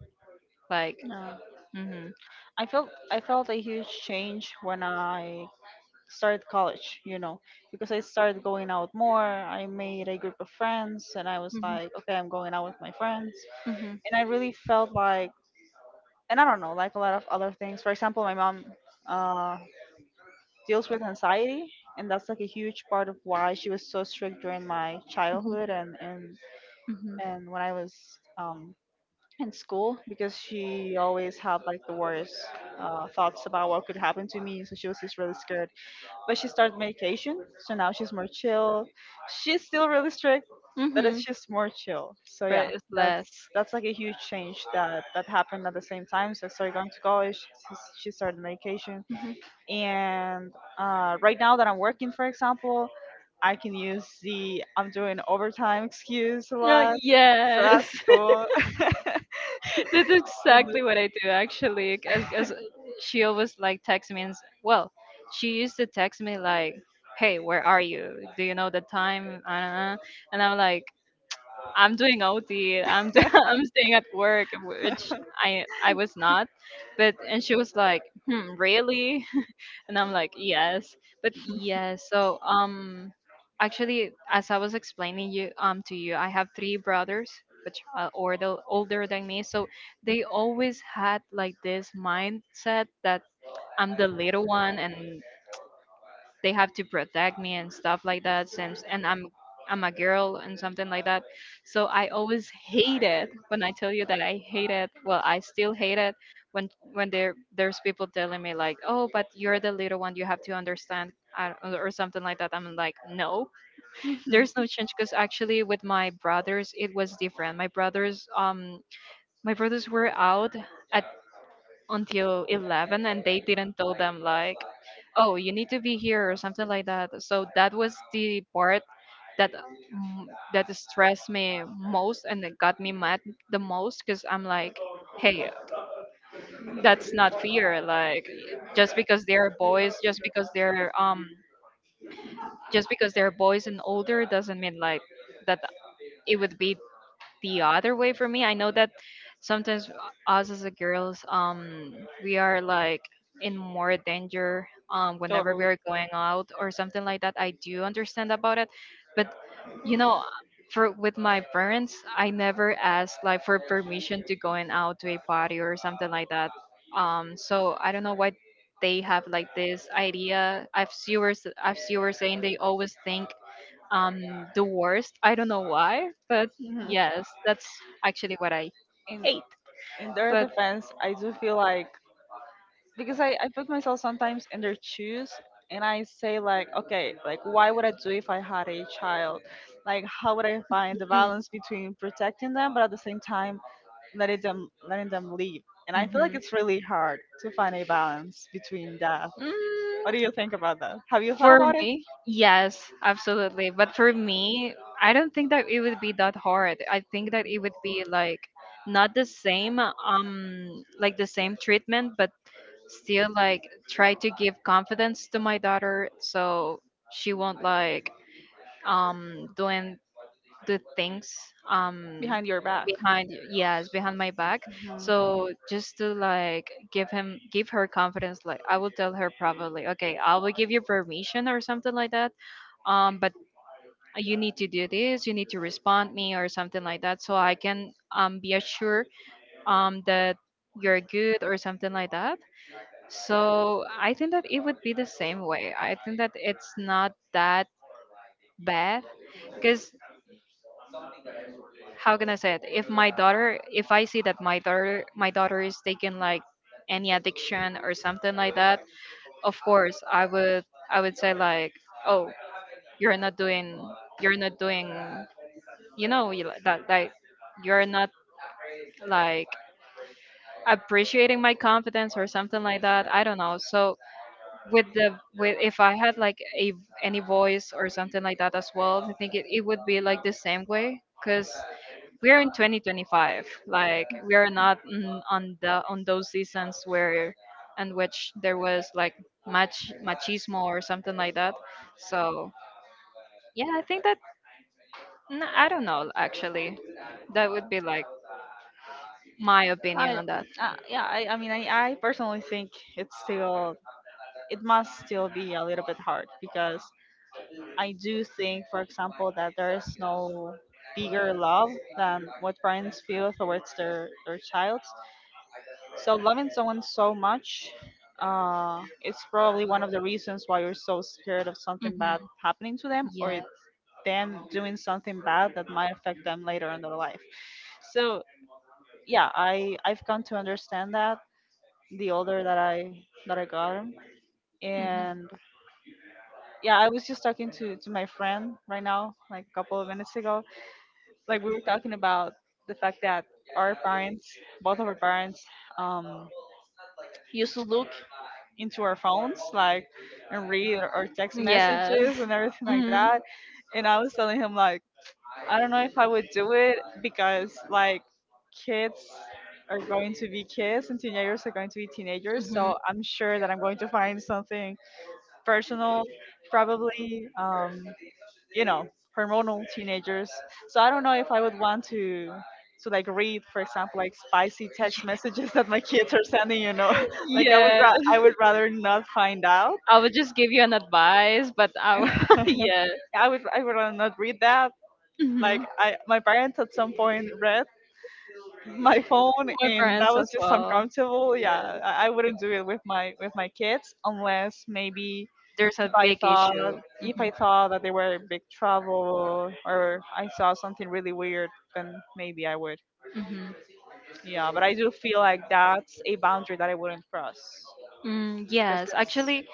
B: like.
A: No.
B: Mm-hmm.
A: I felt a huge change when I started college, you know, because I started going out more. I made a group of friends and I was
B: Mm-hmm.
A: like, okay, I'm going out with my friends.
B: Mm-hmm.
A: And I really felt like and I don't know, like a lot of other things. For example, my mom uh deals with anxiety, and that's like a huge part of why she was so strict during my
B: Mm-hmm.
A: childhood and
B: Mm-hmm.
A: when I was um in school, because she always had like the worst thoughts about what could happen to me. So she was just really scared. But she started medication, so now she's more chill. She's still really strict, but
B: Mm-hmm.
A: it's just more chill. So yeah,
B: But it's
A: that's
B: less.
A: that's like a huge change that happened at the same time. So I started going to college. She started medication,
B: Mm-hmm.
A: and right now that I'm working, for example. I can use the I'm doing overtime excuse a
B: No,
A: lot. So that's
B: yes.
A: cool.
B: This is exactly what I do, actually, because she always like texts me and well, she used to text me like, "Hey, where are you? Do you know the time?" And I'm like, "I'm doing OT. I'm staying at work," which I was not. But, and she was like, "Hmm, really?" And I'm like, yes. But yes, so actually, as I was explaining you to you, I have three brothers, which are older than me, so they always had like this mindset that I'm the little one, and they have to protect me and stuff like that, since, and I'm a girl and something like that. So I always hate it when I tell you that I hate it. Well, I still hate it when there, there's people telling me like, "Oh, but you're the little one, you have to understand." Uh, or something like that. I'm like, no,
A: Mhm,
B: there's no change, because actually with my brothers it was different. My brothers were out at, until 11, and they didn't tell them like, oh, you need to be here or something like that. So that was the part that, mm, that stressed me most and it got me mad the most, because I'm like, hey, that's not fair. Like, just because they're boys, just because they're boys and older, doesn't mean like that it would be the other way for me. I know that sometimes us as a girls, we are like in more danger, whenever we
A: totally.
B: are going out or something like that. I do understand about it, but, you know, for with my parents, I never asked like for permission to going out to a party or something like that. So I don't know why they have like this idea. I've see you were saying they always think the worst. I don't know why, but
A: Hmm.
B: yes, that's actually what I
A: In
B: hate.
A: in their
B: But,
A: defense, I do feel like because I put myself sometimes in their shoes, and I say like, okay, like why would I do if I had a child? Like how would I find the
B: mm,
A: balance between protecting them, but at the same time letting them, letting them leave? And I feel like
B: mhm.
A: it's really hard to find a balance between that.
B: Mm,
A: What do you think about that? Have you thought
B: for
A: about it
B: me, yes, absolutely. But for me, I don't think that it would be that hard. I think that it would be like not the same, like the same treatment, but still like try to give confidence to my daughter, so she won't like doing do things, um
A: behind your back?
B: behind, yes, behind my back. So just to like give her confidence, like I will tell her, probably, okay, I will give you permission or something like that, but you need to do this, you need to respond me or something like that, so I can be assured that you're good or something like that. So I think that it would be the same way. I think that it's not that bad, because how can I say it? If my daughter, if I see that my daughter, is taking like any addiction or something like that, of course I would say like, oh, you're not doing, you're not doing, you know, you like that, like, you're not like appreciating my confidence or something like that. I don't know. So with, if I had like a any voice or something like that as well, I think it would be like the same way, cause we're in 2025, like we are not in, on those seasons where, in which there was like much machismo or something like that. So yeah, I think that, I don't know, actually, that would be like my opinion
A: I
B: on that.
A: Uh, yeah, I mean, I personally think it's still, it must still be a little bit hard because I do think, for example, that there is no bigger love than what parents feel towards their child. So loving someone so much, it's probably one of the reasons why you're so scared of something
B: Hmm.
A: bad happening to them or
B: Yes.
A: them doing something bad that might affect them later in their life. So yeah, I've come to understand that the older that I got him.
B: Hmm.
A: And yeah, I was just talking to my friend right now, like a couple of minutes ago. Like we were talking about the fact that our parents, both of our parents, um, used to look into our phones, like and read our text
B: Yes.
A: messages and everything like
B: Hmm.
A: that. And I was telling him like, I don't know if I would do it because like kids are going to be kids and teenagers are going to be teenagers.
B: Hmm.
A: So I'm sure that I'm going to find something personal, probably, you know, hormonal teenagers. So I don't know if I would want to like read, for example, like spicy text messages that my kids are sending. You know, like I would
B: Yeah,
A: I would rather not find out.
B: I would just give you an advice, but yeah.
A: I would rather not read that. Like
B: Hmm.
A: I my parents at some point read my phone,
B: My
A: and that
B: friends
A: was
B: as
A: just
B: well.
A: uncomfortable. Yeah,
B: Yes,
A: I wouldn't do it with my kids unless maybe
B: there's a
A: I
B: big
A: saw
B: issue.
A: if
B: Hmm.
A: I saw that they were big trouble or I saw something really weird, then maybe I would.
B: Hmm.
A: Yeah, but I do feel like that's a boundary that I wouldn't cross.
B: Mm, yes, actually,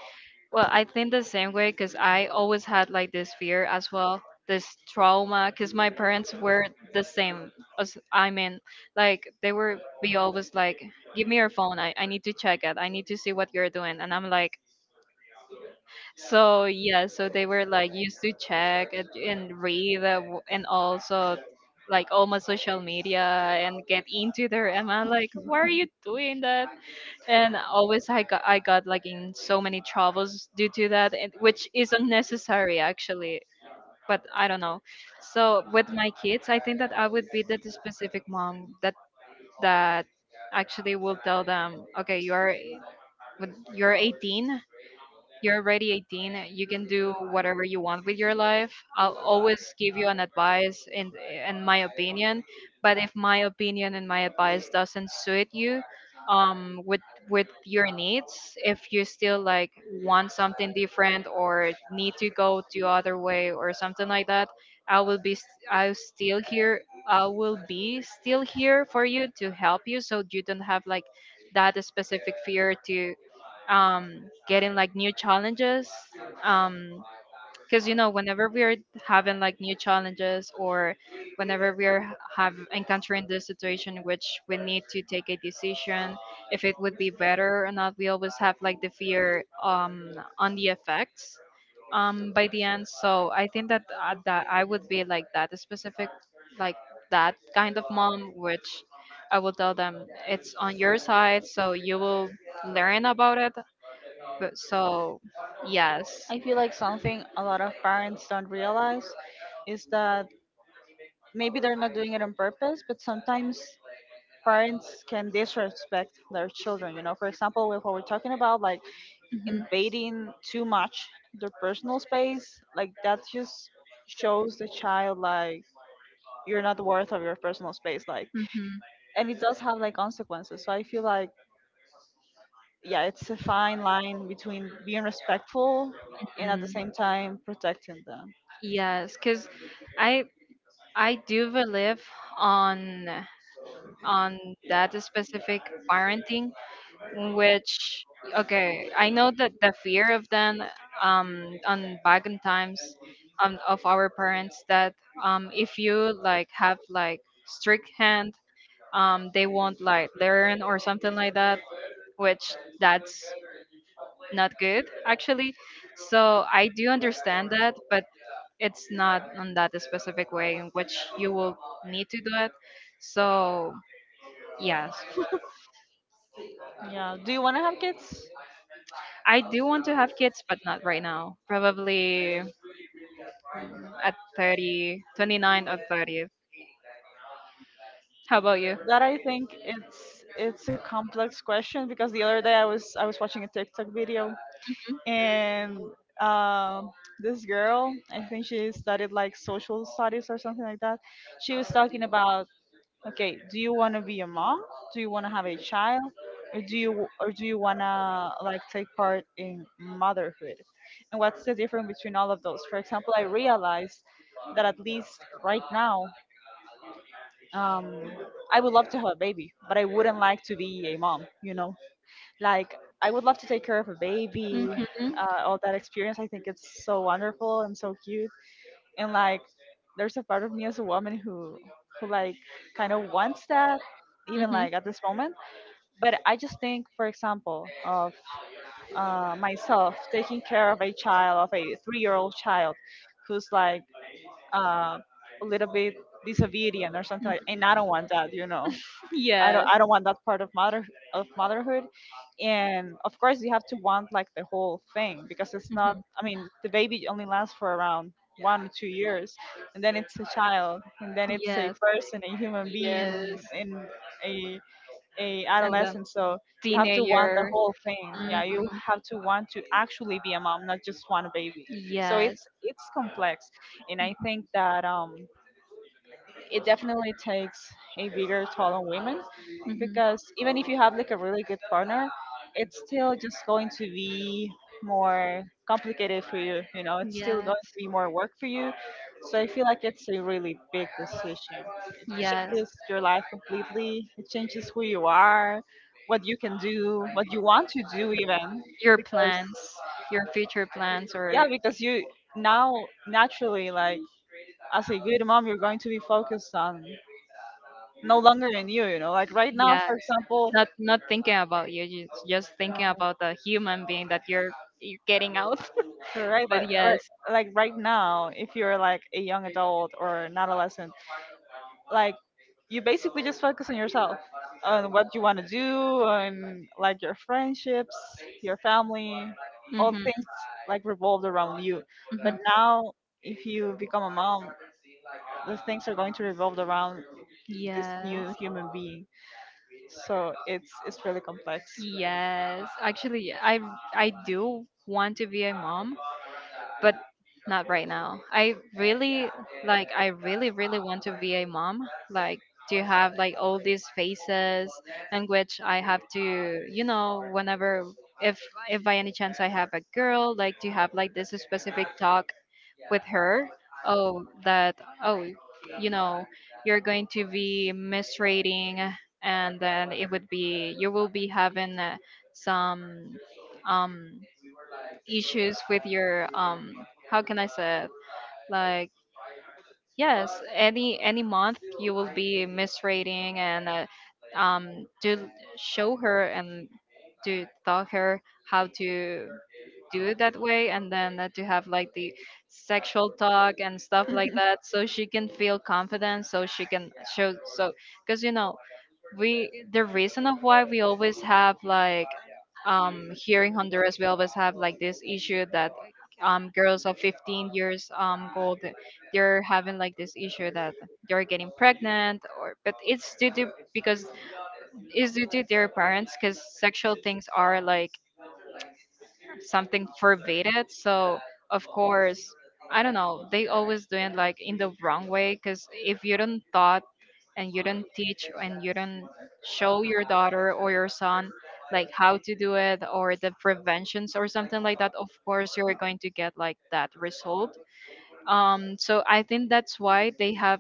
B: well, I think the same way, because I always had like this fear as well, this trauma, because my parents were the same. As I mean, like they were be always like, give me your phone, I need to check it, I need to see what you're doing, and I'm like. So yeah, so they were like used to check and read and also like all my social media and get into there. And I'm like, why are you doing that? And always I got like in so many troubles due to that, and, which is unnecessary, actually. But I don't know. So with my kids, I think that I would be that specific mom that that actually will tell them, okay, you are when you're 18. You're already 18. You can do whatever you want with your life. I'll always give you an advice and my opinion. But if my opinion and my advice doesn't suit you, with your needs, if you still like want something different or need to go to other way or something like that, I'll still here. I will be still here for you to help you, so you don't have like that specific fear to, getting like new challenges. Because, whenever we are having like new challenges or whenever we are have encountering this situation in which we need to take a decision if it would be better or not, we always have like the fear on the effects by the end. So I think that that I would be like that specific like that kind of mom which I will tell them it's on your side so you will learn about it but so yes.
A: I feel like something a lot of parents don't realize is that maybe they're not doing it on purpose, but sometimes parents can disrespect their children. You know, for example, with what we're talking about, like
B: Hmm.
A: invading too much their personal space, like that just shows the child like you're not worth of your personal space, like,
B: Hmm.
A: and it does have like consequences, so I feel like, yeah, it's a fine line between being respectful and at the
B: Mm.
A: same time protecting them.
B: Yes, because I I do believe on on that specific parenting, which okay, I know that the fear of them on back in times of our parents that if you like have like strict hand they won't like learn or something like that which that's not good actually. So I do understand that, but it's not on that specific way in which you will need to do it. So yes,
A: Yeah, do you want to have kids?
B: I do want to have kids, but not right now. Probably at 30, 29 or 30. How about you?
A: That I think it's a complex question because the other day I was watching a TikTok video,
B: Mm-hmm.
A: and um this girl, I think she studied like social studies or something like that, she was talking about, okay, do you want to be a mom? Do you want to have a child? Or do you want to like take part in motherhood? And what's the difference between all of those? For example, I realized that at least right now, um, I would love to have a baby, but I wouldn't like to be a mom, you know? Like I would love to take care of a baby.
B: Mm-hmm.
A: All that experience, I think it's so wonderful and so cute, and like there's a part of me as a woman who like kind of wants that, even
B: Mm-hmm.
A: like at this moment. But I just think, for example, of myself taking care of a child, of a three-year-old child who's like, uh, a little bit disobedient or something like,
B: Mm-hmm.
A: and I don't want that, you know. I don't
B: Yes.
A: I don't want that part of motherhood. And of course you have to want like the whole thing, because it's not,
B: Hmm.
A: I mean, the baby only lasts for around 1 or 2 years, and then it's a child, and then it's a
B: Yes.
A: person, a human being,
B: Yes.
A: and a a
B: And then
A: adolescent. So you have to want the
B: teenager.
A: whole thing.
B: Hmm.
A: Yeah, you have to want to actually be a mom, not just want a baby. So
B: Yes.
A: it's complex. And I think that it definitely takes a bigger toll on women, because even
B: Hmm.
A: if you have like a really good partner, it's still just going to be more complicated for you. You know, it's still going to
B: Yes.
A: be more work for you. So I feel like it's a really big decision. It
B: Yes.
A: changes your life completely. It changes who you are, what you can do, what you want to do, even,
B: Your
A: because,
B: plans, your future plans, or.
A: yeah, because you now, naturally, like, as a good mom, you're going to be focused on, no longer in you, you know, like right now,
B: Yes,
A: for example.
B: not thinking about you, just
A: Right.
B: thinking about the human being that you're getting out.
A: Correct.
B: But
A: But right,
B: yes.
A: like right now, if you're like a young adult or an adolescent, like you basically just focus on yourself, on what you want to do, on like your friendships, your family, all
B: Hmm.
A: things like revolved around you. But
B: Hmm.
A: now, if you become a mom, the things are going to revolve around this
B: Yes.
A: new human being. So it's really complex.
B: Yes, actually, I do want to be a mom, but not right now. I really like I really really want to be a mom, like to have like all these phases in which I have to, whenever if if by any chance I have a girl, like to have like this specific talk with her. Oh that oh you know you're going to be menstruating and then it would be you will be having some um issues with your how can I say it? Like yes any month you will be misrating and to show her and to tell her how to do it that way and then to have like the sexual talk and stuff like that so she can feel confident so she can show so because we the reason of why we always have like here in Honduras we always have like this issue that girls of 15 years old they're having like this issue that they're getting pregnant or but it's due to because is due to their parents because sexual things are like something forbidden. So of course, I don't know. They always doing like in the wrong way because if you don't thought and you don't teach and you don't show your daughter or your son like how to do it or the preventions or something like that, of course you're going to get like that result. So I think that's why they have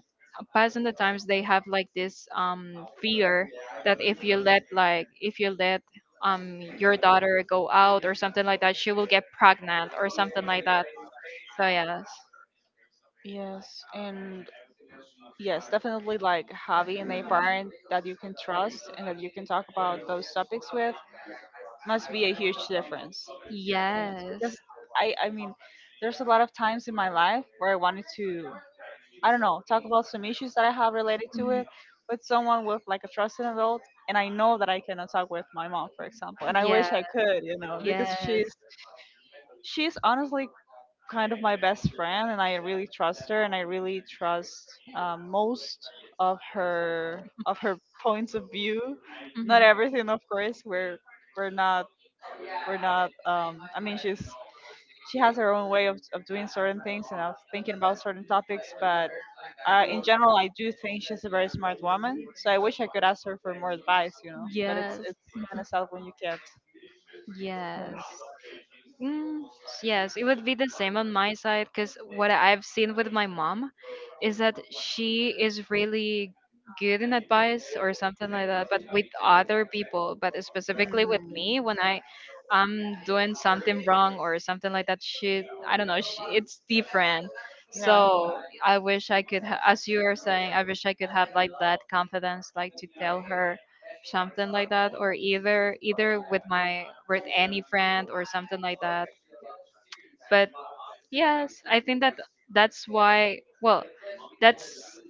B: passing the times they have like this fear that if you let your daughter go out or something like that she will get pregnant or something like that so yes.
A: Yes, and yes, definitely, like having a parent that you can trust and that you can talk about those topics with must be a huge difference. Yes, because
B: Yes.
A: I mean, there's a lot of times in my life where I wanted to, I don't know, talk about some issues that I have related to
B: Mhm.
A: it with someone, with like a trusted adult, and I know that I cannot talk with my mom, for example, and I wish
B: Yes.
A: I could, you know, because
B: Yes.
A: she's honestly kind of my best friend, and I really trust her, and I really trust, most of her points of view. Not
B: Mhm.
A: everything, of course. We're not we're not. I mean, she has her own way of doing certain things and of thinking about certain topics. But in general, I do think she's a very smart woman. So I wish I could ask her for more advice, you know. But it's
B: Yes.
A: it's kind
B: Mhm.
A: of sad when you can't.
B: Yes.
A: Yes.
B: Mm, yes, it would be the same on my side because what I've seen with my mom is that she is really good in advice or something like that, but with other people, but specifically with
A: Mm,
B: me when I am doing something wrong or something like that, I don't know, she, it's different.
A: yeah.
B: So I wish I could, as you were saying, I wish I could have like that confidence, like to tell her something like that, or either with any friend or something like that. But yes, I think that that's why. Well, that's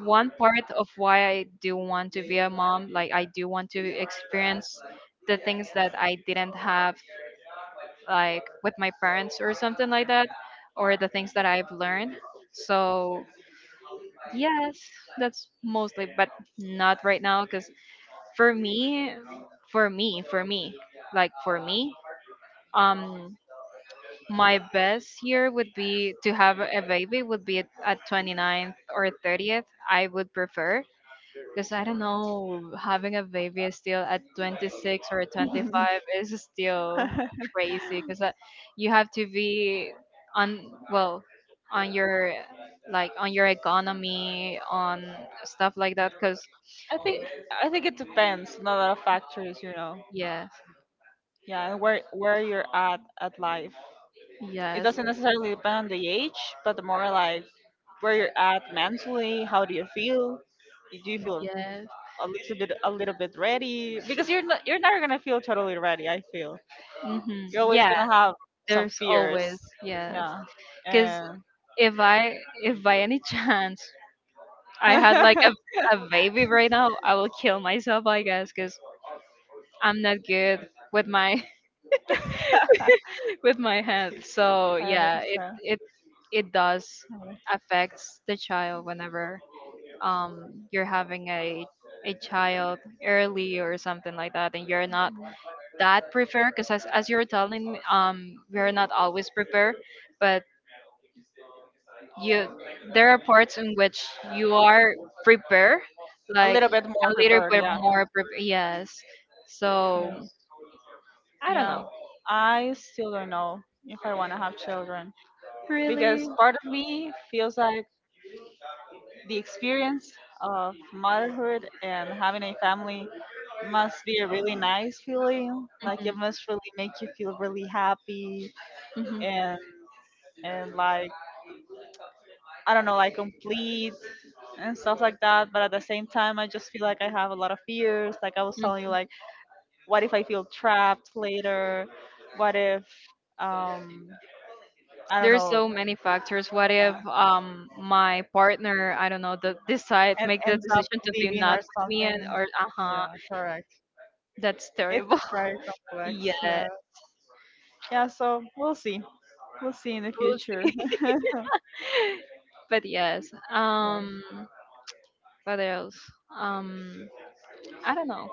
B: one part of why I do want to be a mom. Like I do want to experience the things that I didn't have like with my parents or something like that or the things that I've learned. So, yes, that's mostly but not right now cuz for me for me for me for me um my best year would be to have a baby would be at ninth or 30th. I would prefer because I don't know having a baby is still at 26 or 25 is still crazy because you have to be on well on your economy on stuff like that because.
A: I think I think it depends on a lot of factors.
B: Yes.
A: Yeah, and where you're at life. It
B: Yes.
A: doesn't necessarily depend on the age, but more like where you're at mentally. How do you feel? Do you feel
B: Yes.
A: a little bit ready? Because you're never gonna feel totally ready. I feel you're
B: Hmm.
A: always
B: Yeah,
A: gonna have some
B: there's
A: fears.
B: always, yes.
A: Yeah,
B: Because
A: and
B: if I, if by any chance I had like a baby right now, I will kill myself, I guess, because I'm not good with my with my hands. So
A: I
B: yeah, it
A: understand.
B: it it does affects the child whenever you're having a child early or something like that, and you're not that prepared. Because as you were telling me, we're not always prepared, but you there are parts in which you are prepared
A: A
B: like
A: little bit
B: a
A: more
B: little
A: prepared.
B: bit
A: Yeah.
B: more prepared yes.
A: Yeah.
B: So I don't
A: Yeah,
B: know.
A: I still don't know if I want to have children, because part of me feels like the experience of motherhood and having a family must be a really nice feeling. Like it
B: Mhm,
A: must really make you feel really happy,
B: mhm,
A: and like I don't know, like complete and stuff like that. But at the same time, I just feel like I have a lot of fears. Like I was telling you,
B: mm.
A: like what if I feel trapped later? What if um I don't
B: There's
A: know,
B: so many factors. What
A: yeah,
B: if my partner I don't know the decide
A: and
B: make the
A: ends up
B: decision to be
A: leaving
B: not
A: or
B: with me and
A: something.
B: or, uh-huh,
A: Yeah, correct.
B: that's
A: It's
B: terrible.
A: very complex.
B: Yeah,
A: Yeah, yeah. So we'll see. We'll see in the
B: we'll
A: future.
B: see. But yes.
A: Yeah.
B: What else? Um, I don't know.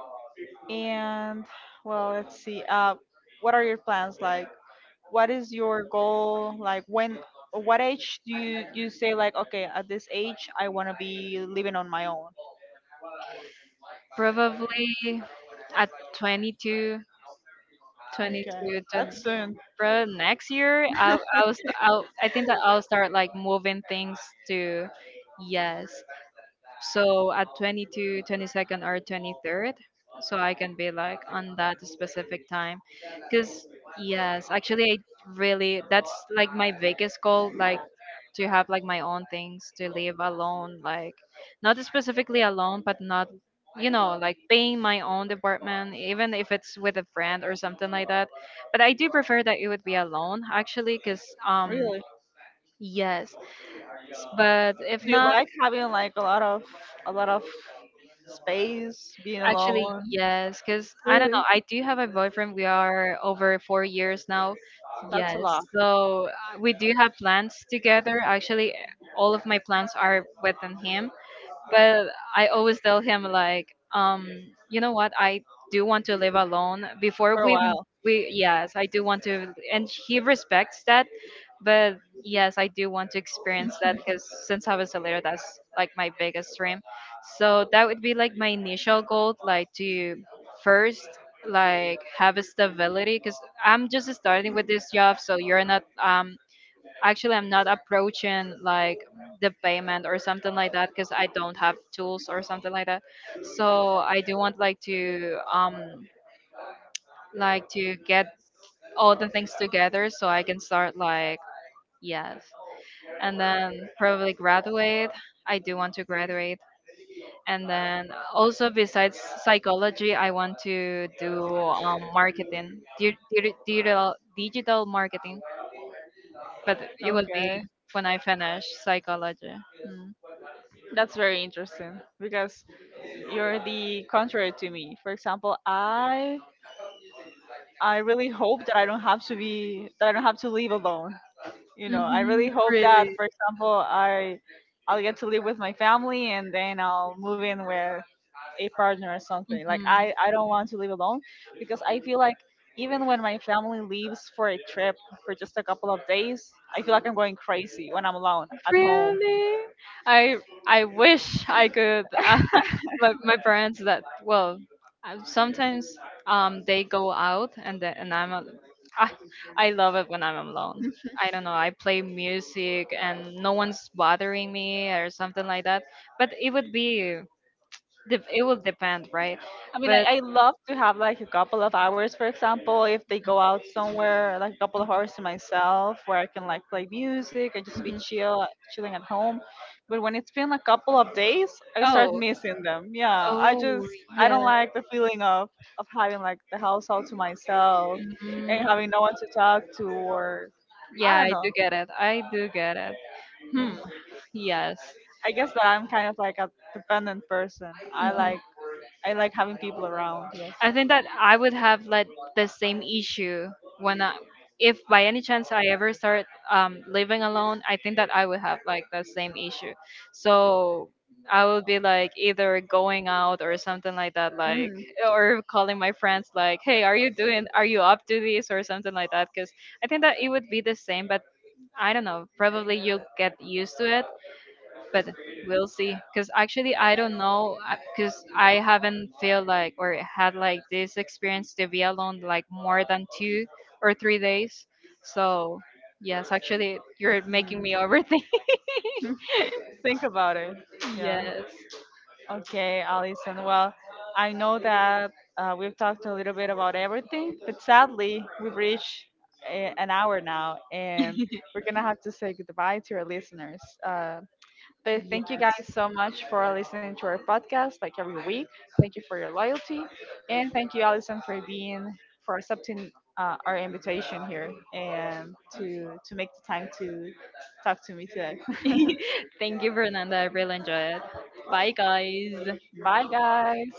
A: And well, let's see. What are your plans like? What is your goal? Like when? What age do you say, like, okay, at this age I want to be living on my own?
B: Probably at 22,
A: Okay,
B: 22, 20,
A: that's soon.
B: bro, next year I'll, I think that I'll start like moving things to, yes. So at 22 22nd or 23rd, so I can be like on that specific time. Because, yes, actually, I really, that's like my biggest goal, like to have like my own things, to live alone, like not specifically alone, but not, like paying my own department, even if it's with a friend or something like that but I do prefer that it would be alone, actually, because
A: Really?
B: yes. But if
A: Do you
B: not,
A: like having like a lot of space, being
B: actually
A: alone?
B: yes, because I don't know.
A: Really?
B: I do have a boyfriend. We are over 4 years now.
A: That's
B: Yes,
A: a lot.
B: so we do have plans together. Actually, all of my plans are within him. But I always tell him like, um, you know what? I do want to live alone. Before
A: For a
B: we
A: while.
B: we yes, I do want to, and he respects that. But yes, I do want to experience that because since I was a leader, that's like my biggest dream. So that would be like my initial goal, like to first like have a stability because I'm just starting with this job so you're not actually I'm not approaching like the payment or something like that because I don't have tools or something like that so I do want like to get all the things together so I can start like yes and then probably graduate. I do want to graduate and then also besides psychology I want to do marketing digital marketing but it will be
A: Okay.
B: when I finish psychology. Mm.
A: That's very interesting because you're the contrary to me. For example, I really hope that I don't have to be that I don't have to live alone. You
B: Hmm.
A: know, I really
B: Mm-hmm.
A: hope that,
B: Really.
A: for example, I'll get to live with my family, and then I'll move in with a partner or something. Like
B: Hmm.
A: I don't want to live alone, because I feel like even when my family leaves for a trip for just a couple of days, I feel like I'm going crazy when I'm alone at home.
B: Really. I I wish I could. My parents, that well, sometimes they go out and ah, I love it when I'm alone. I don't know. I play music and no one's bothering me or something like that. But it would be de- it will depend, right?
A: I mean,
B: But.
A: I love to have like a couple of hours, for example, if they go out somewhere, like a couple of hours to myself, where I can like play music and just be
B: Mhm.
A: chill, chilling at home. But when it's been a couple of days, I start
B: Oh.
A: missing them. Yeah, I
B: Oh,
A: just, I
B: yeah.
A: don't like the feeling of having like the house all to myself and
B: Mm,
A: having no one to talk to, or
B: yeah,
A: I don't
B: I
A: know.
B: do get it. I do get it. Hmm.
A: Mm.
B: Yes.
A: I guess that I'm kind of like a dependent person.
B: Mhm.
A: I like, having people around.
B: I think that I would have like the same issue when I, if by any chance I ever start living alone, I think that I would have like the same issue. So I would be like either going out or something like that, like
A: Yes.
B: or calling my friends like, "Hey, are you doing? Are you up to this?" or something like that. Because I think that it would be the same, but I don't know. Probably you'll get used to it, but we'll see. Because actually, I don't know. Because I haven't feel like or had like this experience to be alone like more than 2 or 3 days. So yes, actually, you're making
A: Mm.
B: me overthink.
A: Think about it. Yeah.
B: Yes.
A: Okay, Allison. Well, I know that we've talked a little bit about everything, but sadly, we've reached an hour now, and we're gonna have to say goodbye to our listeners. But thank
B: Yeah.
A: you guys so much for listening to our podcast like every week. Thank you for your loyalty, and thank you, Allison, for being for accepting our invitation here, and to make the time to talk to me today.
B: Thank you, Fernanda. I really enjoyed. It. Bye, guys.
A: Bye, guys.